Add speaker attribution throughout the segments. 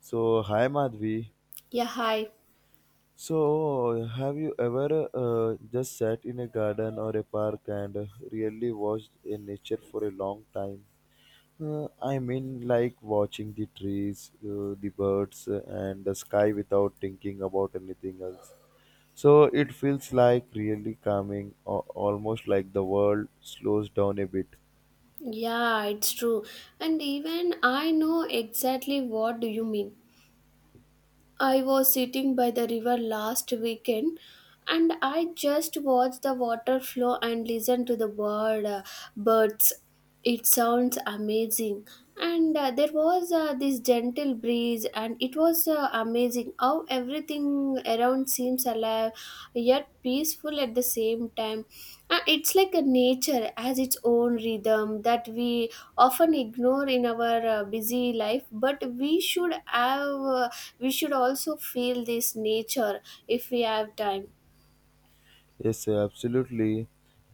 Speaker 1: So, hi Madhvi.
Speaker 2: Yeah, hi.
Speaker 1: So, have you ever just sat in a garden or a park and really watched a nature for a long time? I mean, like watching the trees, the birds, and the sky without thinking about anything else. So, it feels like really calming, almost like the world slows down a bit.
Speaker 2: Yeah, it's true. And even I know exactly what do you mean. I was sitting by the river last weekend and I just watched the water flow and listened to the birds. It sounds amazing. And there was this gentle breeze and it was amazing how everything around seems alive yet peaceful at the same time. It's like a nature has its own rhythm that we often ignore in our busy life, but we should also feel this nature if we have time.
Speaker 1: Yes, absolutely.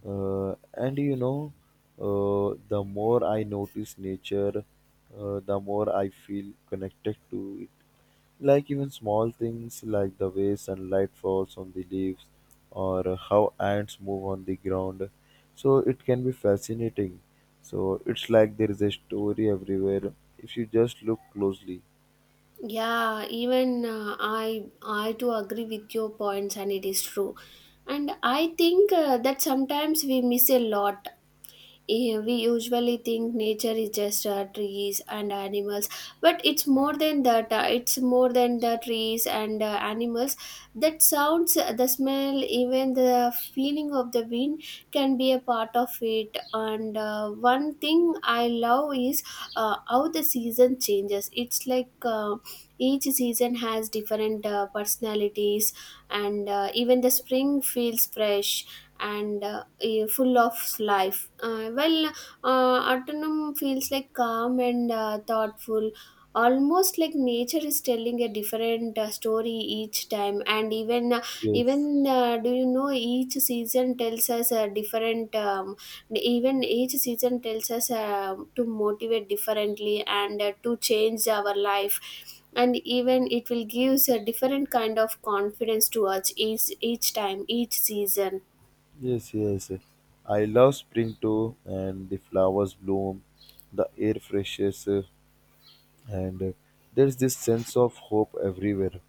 Speaker 1: And you know, the more I notice nature, the more I feel connected to it. Like even small things like the way sunlight falls on the leaves or how ants move on the ground. So it can be fascinating. So it's like there is a story everywhere if you just look closely.
Speaker 2: Yeah, even I too agree with your points, and it is true. And I think that sometimes we miss a lot. We usually think nature is just trees and animals, but it's more than that. It's more than the trees and animals. That sounds, the smell, even the feeling of the wind can be a part of it. And one thing I love is how the season changes. It's like each season has different personalities and even the spring feels fresh and full of life autumn feels like calm and thoughtful, almost like nature is telling a different story each time. And even
Speaker 1: Yes.
Speaker 2: even Do you know each season tells us a different even each season tells us to motivate differently and to change our life, and even it will gives a different kind of confidence to us each time each season.
Speaker 1: Yes, yes. I love spring too, and the flowers bloom, the air freshes, and there's this sense of hope everywhere.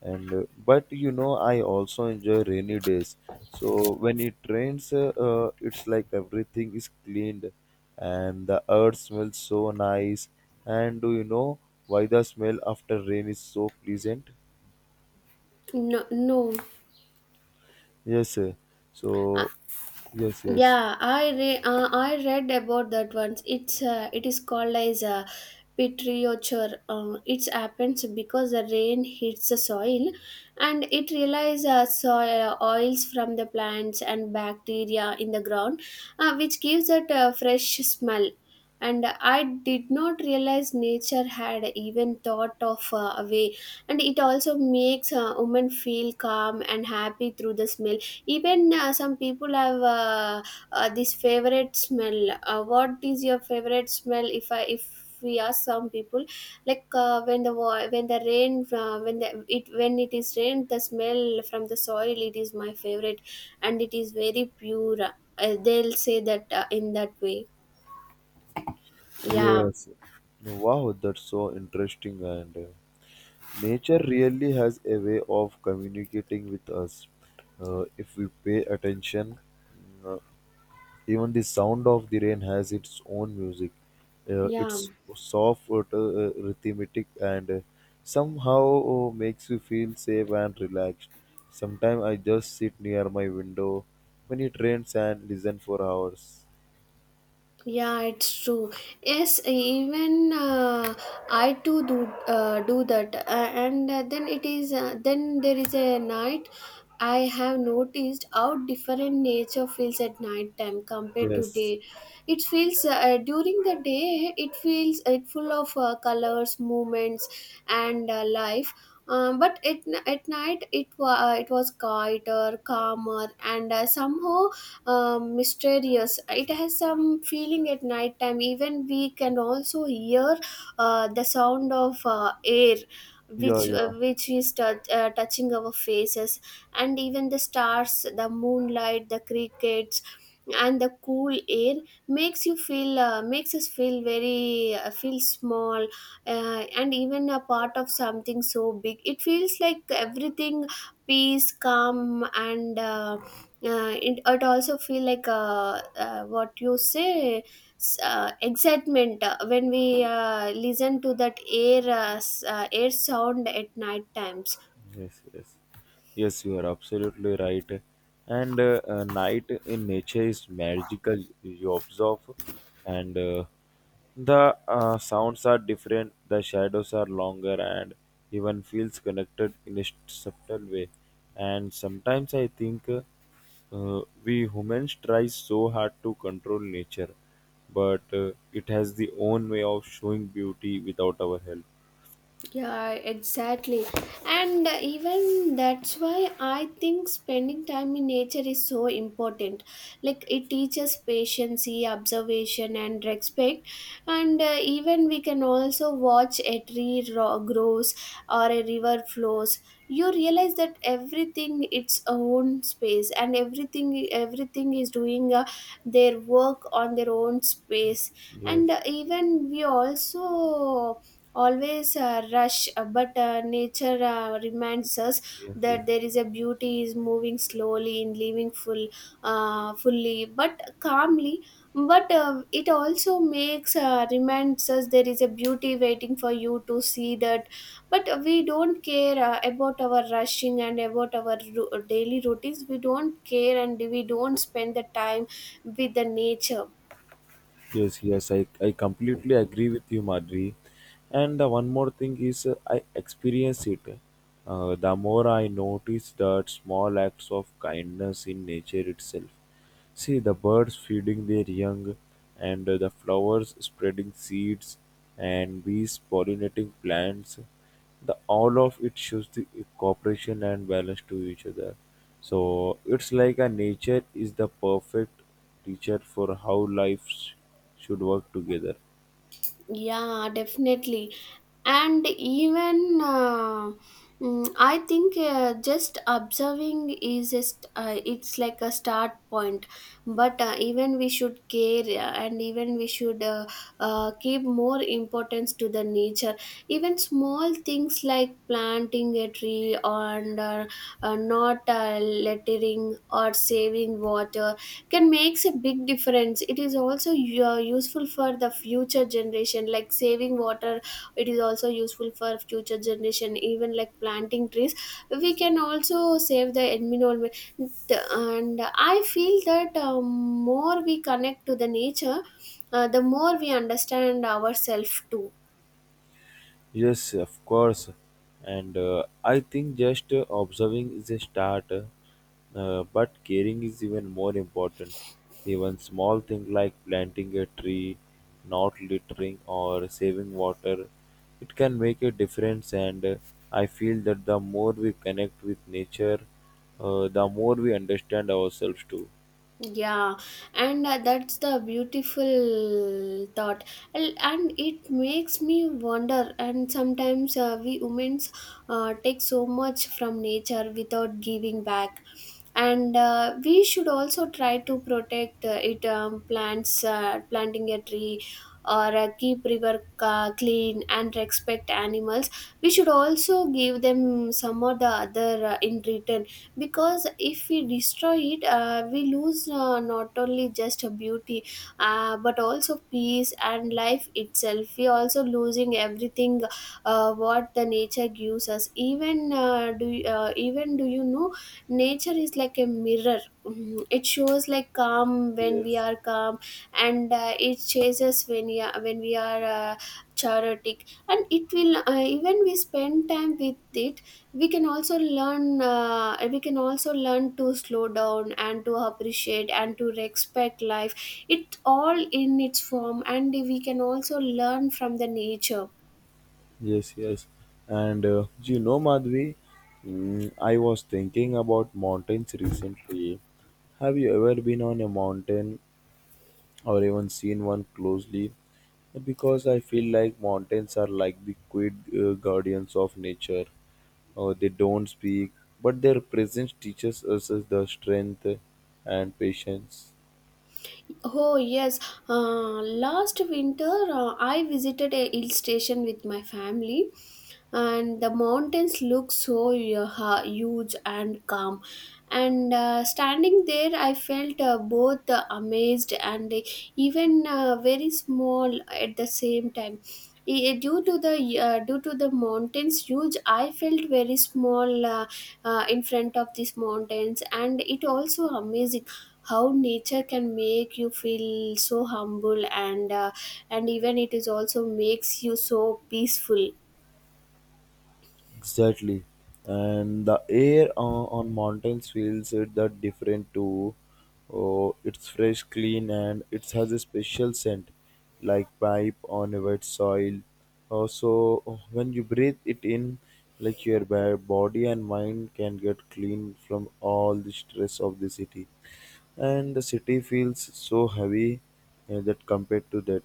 Speaker 1: And but you know, I also enjoy rainy days. So when it rains, it's like everything is cleaned, and the earth smells so nice. And do you know why the smell after rain is so pleasant?
Speaker 2: No, no.
Speaker 1: Yes, uh, so yes, yes.
Speaker 2: Yeah, I read about that once. It is called as a petriochore. It happens because the rain hits the soil, and it releases soil oils from the plants and bacteria in the ground, which gives it a fresh smell. And I did not realize nature had even thought of a way, and it also makes a woman feel calm and happy through the smell. Even some people have this favorite smell. What is your favorite smell? If we ask some people, like when the rain when the it when it is rain, the smell from the soil it is my favorite, and it is very pure. They'll say that in that way. Yeah,
Speaker 1: Yes. No. Wow, that's so interesting. And nature really has a way of communicating with us. If we pay attention, mm, uh, even the sound of the rain has its own music.
Speaker 2: yeah.
Speaker 1: It's soft, rhythmic, and somehow makes you feel safe and relaxed. Sometimes I just sit near my window when it rains and listen for hours.
Speaker 2: Yeah, it's true. Yes, even I too do that, and then there is a night. I have noticed how different nature feels at night time compared to
Speaker 1: Yes.
Speaker 2: day. It feels During the day it feels it full of colors, movements, and life. Um, but at, at night it was quieter, calmer, and somehow mysterious. It has some feeling at night time. Even we can also hear the sound of air
Speaker 1: Yeah, yeah.
Speaker 2: which is touching our faces, and even the stars, the moonlight, the crickets, and the cool air makes us feel very feel small, and even a part of something so big. It feels like everything peace calm and yeah, it also feel like what you say, excitement when we listen to that air air sound at night times.
Speaker 1: Yes, yes, yes. You are absolutely right. And Night in nature is magical. You observe, and the sounds are different. The shadows are longer, and even feels connected in a subtle way. And sometimes I think we humans try so hard to control nature, but it has the own way of showing beauty without our help.
Speaker 2: Yeah, exactly. And even that's why I think spending time in nature is so important. Like it teaches patience, observation, and respect. And even we can also watch a grows or a river flows. You realize that everything its own space and everything is doing their work on their own space. And
Speaker 1: Yes,
Speaker 2: even we also always a rush, but nature reminds us
Speaker 1: yes, yes.
Speaker 2: that there is a beauty is moving slowly and living fully but calmly. But it also makes reminds us there is a beauty waiting for you to see that, but we don't care about our rushing and about our daily routines. We don't care and we don't spend the time with the nature.
Speaker 1: Yes, yes, I completely agree with you, Madhuri. And one more thing is, I experience it. The more I notice that small acts of kindness in nature itself. See the birds feeding their young, and the flowers spreading seeds, and bees pollinating plants, the all of it shows the cooperation and balance to each other, so it's like a nature is the perfect teacher for how life should work together.
Speaker 2: Yeah, definitely. And even I think just observing is just it's like a start point. But even we should care, and even we should give more importance to the nature. Even small things like planting a tree and not littering or saving water can makes a big difference. It is also useful for the future generation, like saving water. It is also useful for future generation. Even like planting trees, we can also save the environment. And I feel that more we connect to the nature, the more we understand ourselves too.
Speaker 1: Yes, of course. And I think just observing is a start, but caring is even more important. Even small things like planting a tree, not littering, or saving water, it can make a difference. And I feel that the more we connect with nature, the more we understand ourselves too.
Speaker 2: Yeah, and that's the beautiful thought, and it makes me wonder. And sometimes we humans take so much from nature without giving back, and we should also try to protect it. Plants, planting a tree, or keep river clean, and respect animals. We should also give them some of the other in return, because if we destroy it, we lose, not only just a beauty, but also peace and life itself. We also losing everything what the nature gives us. Even even do you know nature is like a mirror. Mhm. It shows like calm when we
Speaker 1: Yes.
Speaker 2: are calm, and it chases when when we are chaotic. And it will even we spend time with it, we can also learn, we can also learn to slow down and to appreciate and to respect life it all in its form, and we can also learn from the nature.
Speaker 1: Yes, yes. And you know, Madhvi, I was thinking about mountains recently. Have you ever been on a mountain or even seen one closely? Because I feel like mountains are like the quiet guardians of nature. They don't speak, but their presence teaches us the strength and patience.
Speaker 2: Oh yes, last winter I visited a hill station with my family, and the mountains look so uh, huge and calm. And standing there, I felt both amazed and even very small at the same time. Due to the mountains huge, I felt very small, in front of these mountains, and it also amazing how nature can make you feel so humble and even it is also makes you so peaceful.
Speaker 1: Exactly, and the air on mountains feels it that different too. Oh, it's fresh, clean, and it has a special scent, like pipe on a wet soil. Also, when you breathe it in, like your body and mind can get clean from all the stress of the city, and the city feels so heavy that compared to that.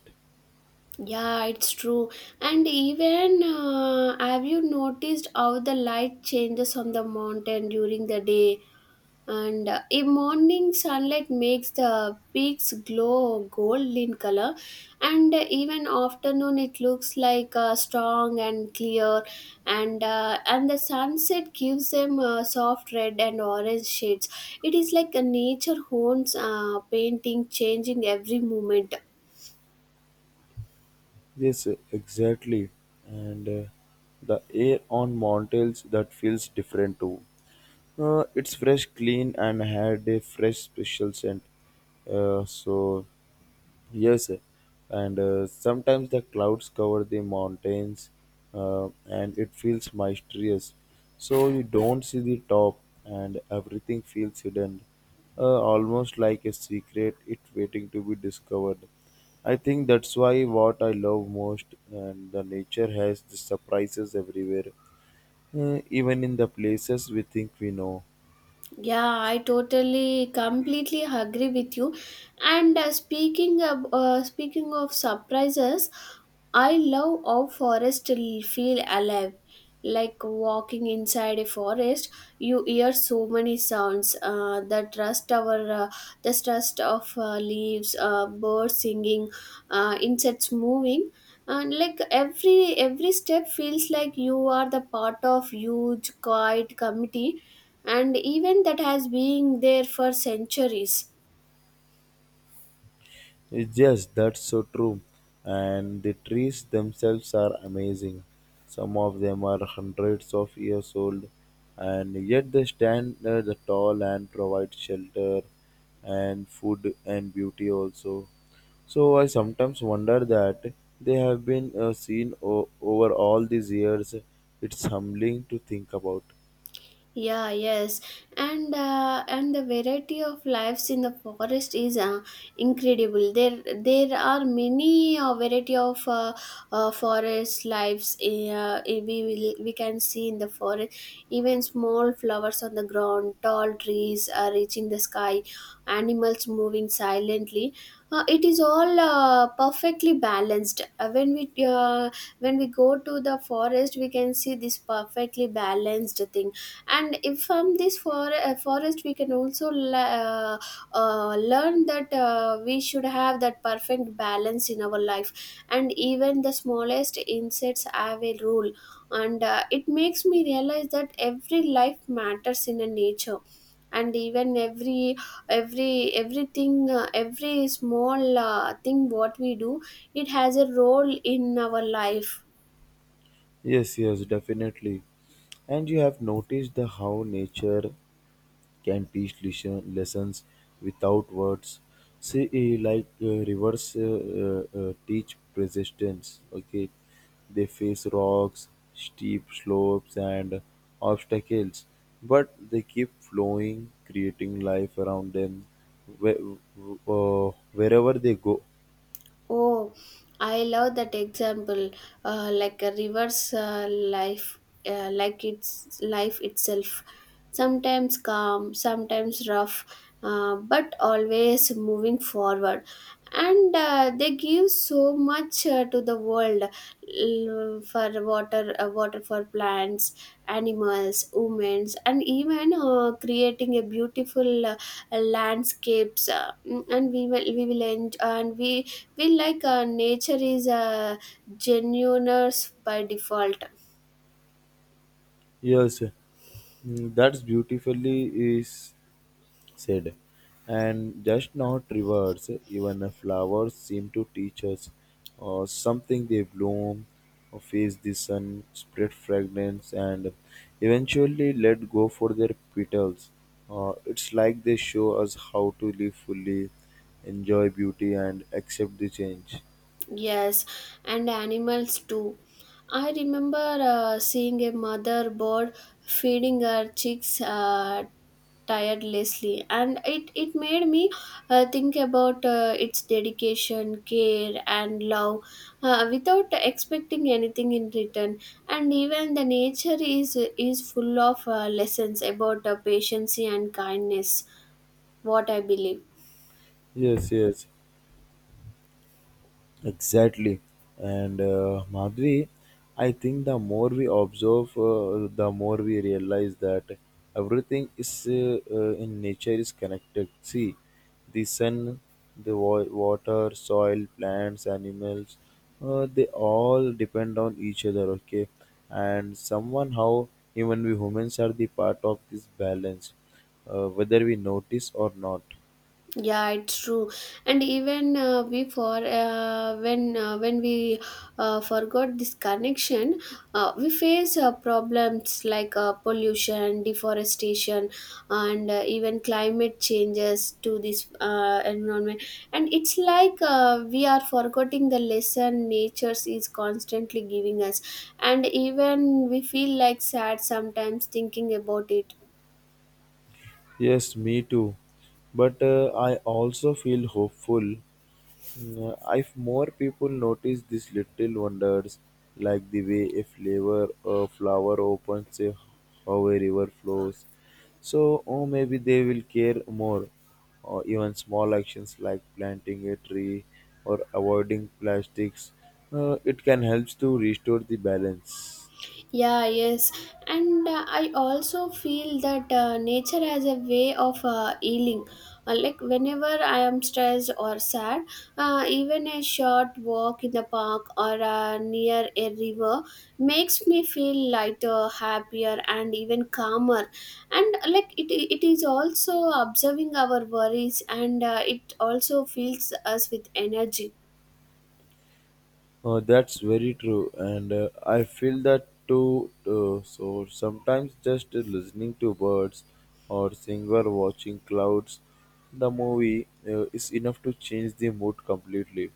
Speaker 2: Yeah, it's true. And even have you noticed how the light changes on the mountain during the day? And a morning sunlight makes the peaks glow gold in color, and even afternoon it looks like strong and clear, and the sunset gives them soft red and orange shades. It is like a nature owns painting changing every moment.
Speaker 1: Yes, exactly. And the air on mountains that feels different too. It's fresh, clean, and had a fresh special scent. So yes, and sometimes the clouds cover the mountains, and it feels mysterious. So you don't see the top, and everything feels hidden, almost like a secret. It waiting to be discovered. I think that's why what I love most, and the nature has the surprises everywhere, even in the places we think we know.
Speaker 2: Yeah, I totally, completely agree with you. And speaking of surprises, I love how forests feel alive. Like walking inside a forest, you hear so many sounds. The trust our the trust of leaves, birds singing, insects moving, and like every step feels like you are the part of huge quiet committee and event that has been there for centuries.
Speaker 1: Yes, that's so true. And the trees themselves are amazing. Some of them are hundreds of years old, and yet they stand the tall and provide shelter and food and beauty also. So I sometimes wonder that they have been seen over all these years. It's humbling to think about.
Speaker 2: Yeah, yes, and the variety of lives in the forest is incredible. There are many variety of forest lives. We will, we can see in the forest even small flowers on the ground, tall trees reaching the sky, animals moving silently. It is all perfectly balanced. When we go to the forest, we can see this perfectly balanced thing. And if from this forest we can also learn that we should have that perfect balance in our life. And even the smallest insects have a role, and it makes me realize that every life matters in a nature, and even every small thing what we do, it has a role in our life.
Speaker 1: Yes, yes, definitely. And you have noticed the how nature can teach lessons without words. See, like rivers teach persistence. Okay, they face rocks, steep slopes, and obstacles, but they keep flowing, creating life around them where, wherever they go.
Speaker 2: Oh, I love that example, like a river's life, like its life itself. Sometimes calm, sometimes rough, but always moving forward. And they give so much to the world for water for plants, animals, women, and even creating a beautiful landscapes, and we will enjoy, and we like nature is a genuineness by default.
Speaker 1: Yes, that's beautifully is said, and just not rivers, even flowers seem to teach us something they bloom, face the sun, spread fragrance, and eventually let go for their petals. It's like they show us how to live fully, enjoy beauty, and accept the change.
Speaker 2: Yes, and animals too. I remember seeing a mother bird feeding her chicks tirelessly, and it made me think about its dedication, care, and love without expecting anything in return. And even the is full of lessons about patience and kindness, what I believe.
Speaker 1: Yes, yes. Exactly. And Madhvi, I think the more we observe, the more we realize that everything is in nature is connected. See, the sun, the water, soil, plants, animals, they all depend on each other. Okay, and someone how even we humans are the part of this balance, whether we notice or not.
Speaker 2: Yeah, it's true. And even before when we forgot this connection, we face problems like pollution, deforestation, and even climate changes to this environment. And it's like we are forgetting the lesson nature is constantly giving us, and even we feel like sad sometimes thinking about it.
Speaker 1: Yes, me too. But I also feel hopeful. If more people notice these little wonders, like the way a flower opens, a, how a river flows, so oh, maybe they will care more. Or even small actions like planting a tree or avoiding plastics, it can help to restore the balance.
Speaker 2: Yeah, yes. And I also feel that nature has a way of healing. Like whenever I am stressed or sad, even a short walk in the park or near a river makes me feel lighter, happier, and even calmer. And like it is also observing our worries, and it also fills us with energy.
Speaker 1: That's very true, and I feel that too. So sometimes just listening to birds or seeing or watching clouds, the movie is enough to change the mood completely.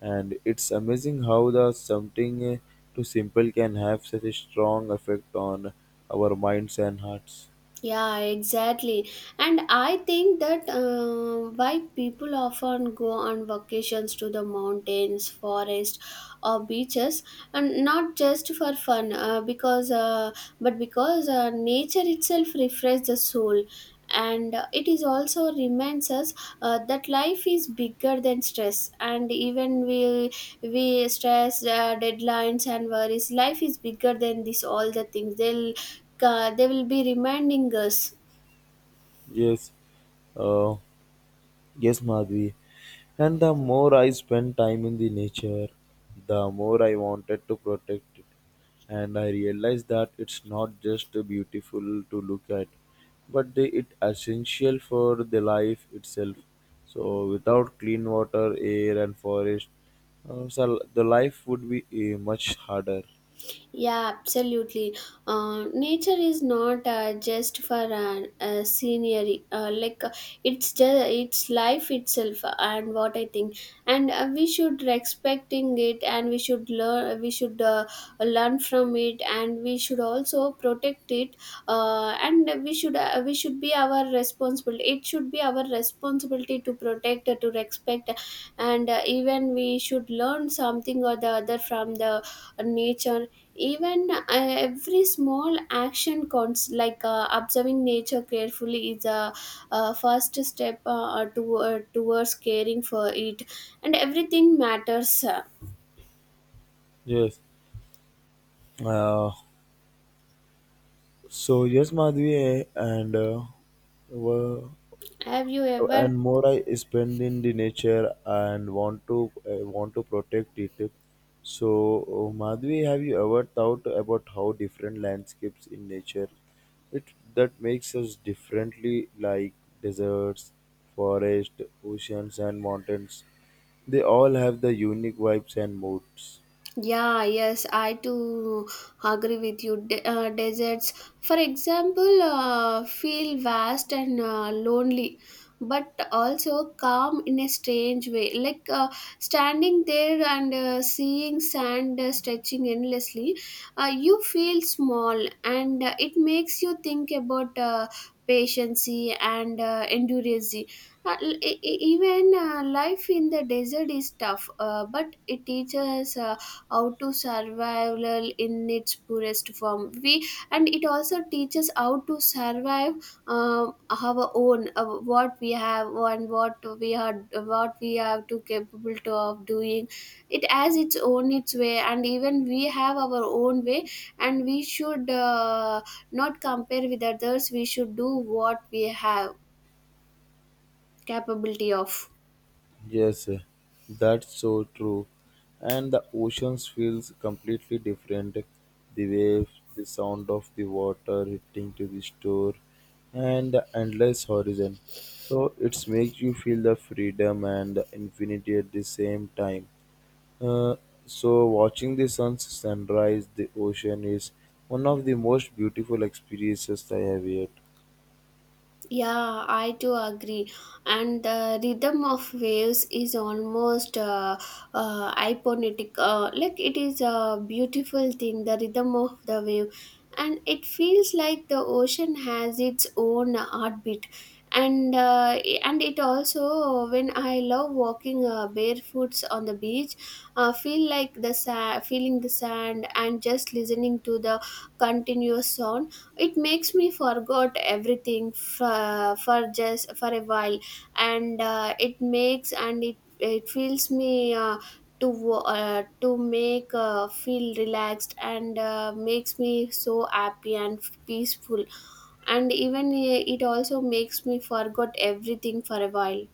Speaker 1: And it's amazing how the something too simple can have such a strong effect on our minds and hearts.
Speaker 2: Yeah, exactly. And I think that why people often go on vacations to the mountains, forest, or beaches, and not just for fun, because but because nature itself refreshes the soul, and it is also reminds us that life is bigger than stress. And even we stress deadlines and worries. Life is bigger than this, all the things they'll they will be reminding us.
Speaker 1: Yes. Uh, Yes, Madhvi. And the more I spent time in the nature, the more I wanted to protect it. And I realized that it's not just beautiful to look at, but it essential for the life itself. So without clean water, air, and forest, uh, so the life would be much harder.
Speaker 2: Yeah, absolutely. Nature is not just for an, a scenery. Like it's just it's life itself, and what I think, and we should respecting it, and we should learn. We should learn from it, and we should also protect it. And we should We should be our responsibility. It should be our responsibility to protect, to respect, and even we should learn something or the other from the nature. Even every small action counts, like observing nature carefully is a first step towards caring for it, and everything matters.
Speaker 1: Yes. Uh, so yes, Madhvi, and uh,
Speaker 2: Have you ever?
Speaker 1: and more I spend in the nature and want to protect it. So, Madhvi, have you ever thought about how different landscapes in nature it that makes us differently, like deserts, forest, oceans, and mountains? They all have the unique vibes and moods.
Speaker 2: Yeah, yes, I too agree with you. Deserts, for example, feel vast and lonely, but also calm in a strange way. Like standing there and seeing sand stretching endlessly, you feel small, and it makes you think about patience and endurance. Uh, e- e- even Life in the desert is tough, but it teaches. How to survival in its purest form. We, and it also teaches how to survive, our own, what we have and what we are, what we have to capable to of doing. It has its own, its way, and even we have our own way. And we should not compare with others. We should do what we have capability of.
Speaker 1: Yes, that's so true. And the oceans feels completely different. The waves, the sound of the water hitting to the shore, and the endless horizon. So it makes you feel the freedom and the infinity at the same time. Uh, so watching the sun sunrise, the ocean is one of the most beautiful experiences I have yet.
Speaker 2: Yeah, I do agree. And the rhythm of waves is almost hypnotic. Like it is a beautiful thing, the rhythm of the wave. And it feels like the ocean has its own heartbeat. And and it also, when I love walking barefoots on the beach, feel like the sand, feeling the sand, and just listening to the continuous sound, it makes me forgot everything for just for a while. And it makes, and it feels me to make feel relaxed, and makes me so happy and peaceful. And even it also makes me forgot everything for a while.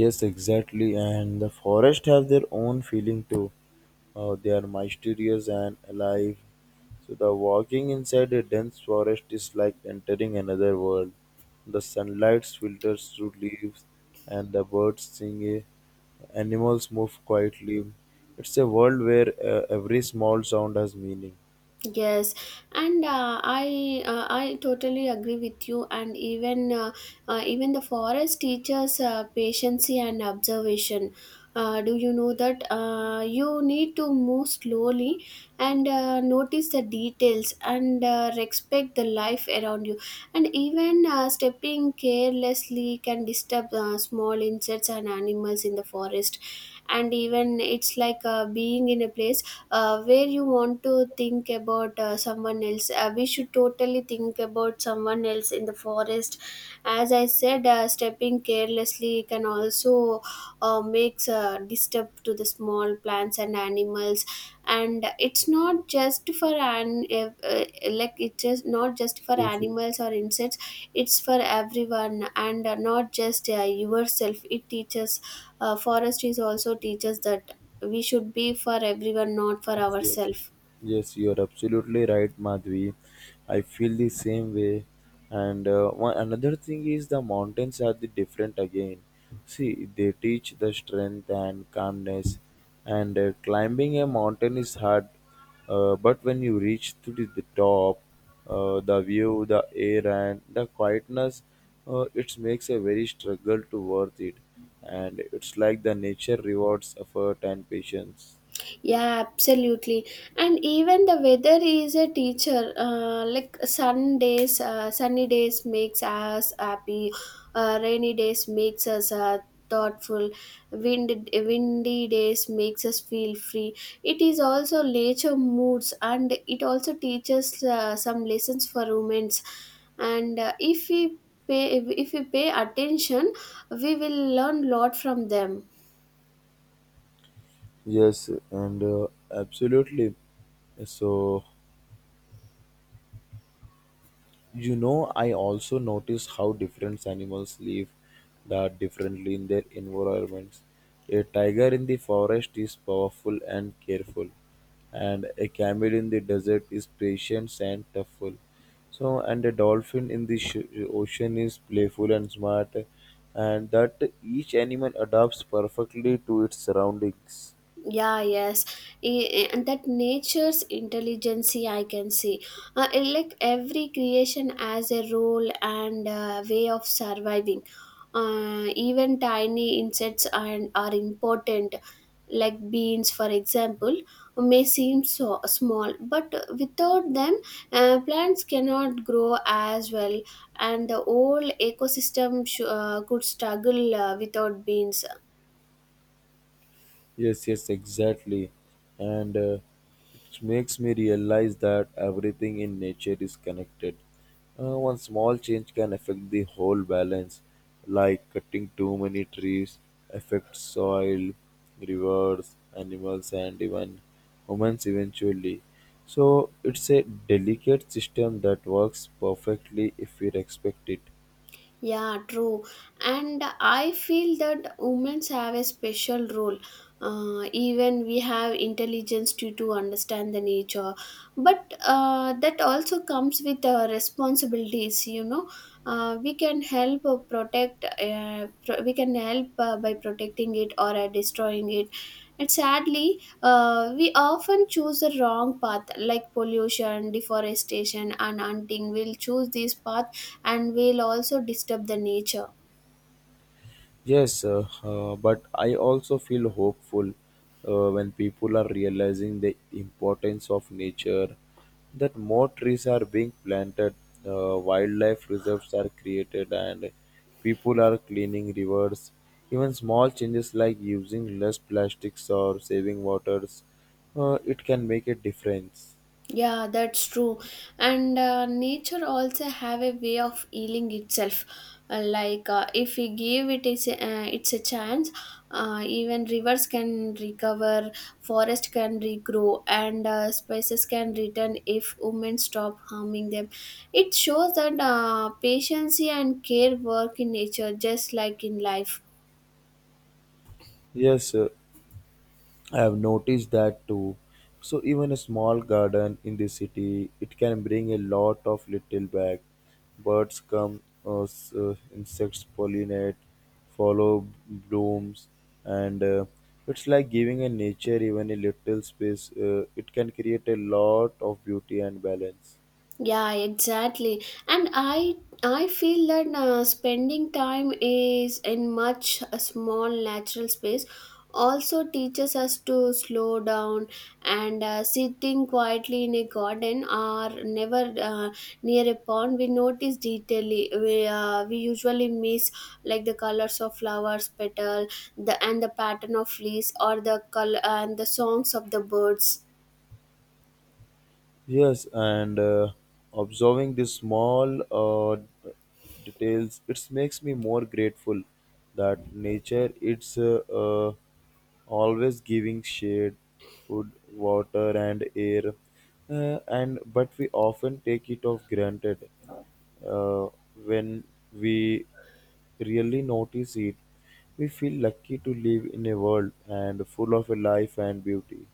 Speaker 1: Yes, exactly. And the forest have their own feeling too. They are mysterious and alive. So the walking inside a dense forest is like entering another world. The sunlight filters through leaves, and the birds sing. Animals move quietly. It's a world where every small sound has meaning.
Speaker 2: Yes, and I totally agree with you. And even even the forest teaches patience and observation. Do you know that you need to move slowly and notice the details, and respect the life around you. And even stepping carelessly can disturb small insects and animals in the forest. And even it's like being in a place where you want to think about someone else. We should totally think about someone else in the forest. As I said, stepping carelessly can also makes a disturb to the small plants and animals. And it's not just for an like it's just not just for
Speaker 1: Yes, yes.
Speaker 2: animals or insects, it's for everyone. And not just yourself it teaches. Forestry also teaches that we should be for everyone, not for
Speaker 1: Yes, yes,
Speaker 2: ourselves.
Speaker 1: yes, you are absolutely right, Madhvi. I feel the same way. And one another thing is the mountains are the different again. See, they teach the strength and calmness. And climbing a mountain is hard, but when you reach to the top, the view, the air, and the quietness, it makes a very struggle to worth it. And it's like the nature rewards effort and patience.
Speaker 2: Yeah, absolutely. And even the weather is a teacher. Like sunny days makes us happy. Rainy days makes us thoughtful. Windy days makes us feel free. It is also nature moods, and it also teaches some lessons for humans. And if if we pay attention, we will learn lot from them.
Speaker 1: Yes, and absolutely. So, you know, I also notice how different animals live that differently in their environments. A tiger in the forest is powerful and careful, and a camel in the desert is patient and toughful. So, and a dolphin in the ocean is playful and smart, and that each animal adapts perfectly to its surroundings.
Speaker 2: Yeah, yes. And that nature's intelligence I can see. It like every creation has a role and way of surviving. Even tiny insects are important, like beans for example. May seem so small, but without them, plants cannot grow as well, and the whole ecosystem could struggle without beans.
Speaker 1: Yes, yes, exactly. And it makes me realize that everything in nature is connected. One small change can affect the whole balance, like cutting too many trees affects soil, rivers, animals, and even humans eventually. So it's a delicate system that works perfectly if we respect it.
Speaker 2: Yeah, true. And I feel that women have a special role. Even we have intelligence to understand the nature, but that also comes with responsibilities. You know, we can help protect. We can help by protecting it or destroying it. And sadly, we often choose the wrong path, like pollution, deforestation, and hunting. We'll choose this path, and we'll also disturb the nature.
Speaker 1: Yes, but I also feel hopeful when people are realizing the importance of nature, that more trees are being planted, wildlife reserves are created, and people are cleaning rivers. Even small changes like using less plastics or saving waters, it can make a difference.
Speaker 2: Yeah, that's true. And nature also have a way of healing itself. Like if we give it's a chance, even rivers can recover, forest can regrow, and spices can return if women stop harming them. It shows that patience and care work in nature just like in life.
Speaker 1: Yes, I have noticed that too. So even a small garden in the city, it can bring a lot of little back. Birds come, insects pollinate, follow blooms, and it's like giving a nature even a little space. It can create a lot of beauty and balance.
Speaker 2: Yeah, exactly. And I feel that spending time is in much a small natural space also teaches us to slow down. And sitting quietly in a garden or never near a pond, we notice detailing we usually miss, like the colors of flowers petal, the and the pattern of leaves, or the color and the songs of the birds.
Speaker 1: Yes, and observing the small d- details, it makes me more grateful that nature it's always giving shade, food, water, and air, and but we often take it of granted uh, when we really notice it. We feel lucky to live in a world and full of life and beauty.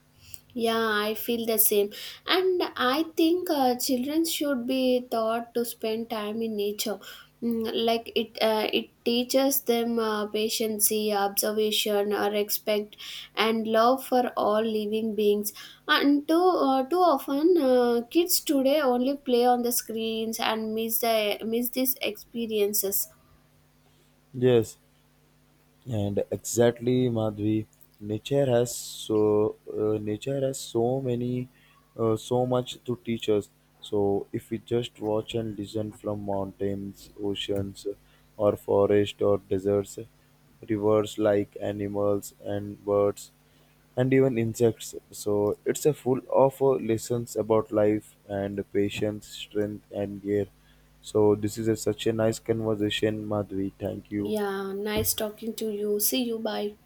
Speaker 2: Yeah, I feel the same. And I think children should be taught to spend time in nature. Mm, like it teaches them patience, observation, or respect and love for all living beings. And too, too often, kids today only play on the screens and miss these experiences.
Speaker 1: Yes. And exactly, Madhvi, nature has so many, so much to teach us. So if we just watch and listen from mountains, oceans, or forest or deserts, rivers like animals and birds, and even insects. So it's a full of lessons about life and patience, strength, and care. So this is a, such a nice conversation, Madhvi. Thank you.
Speaker 2: Yeah, nice talking to you. See you. Bye.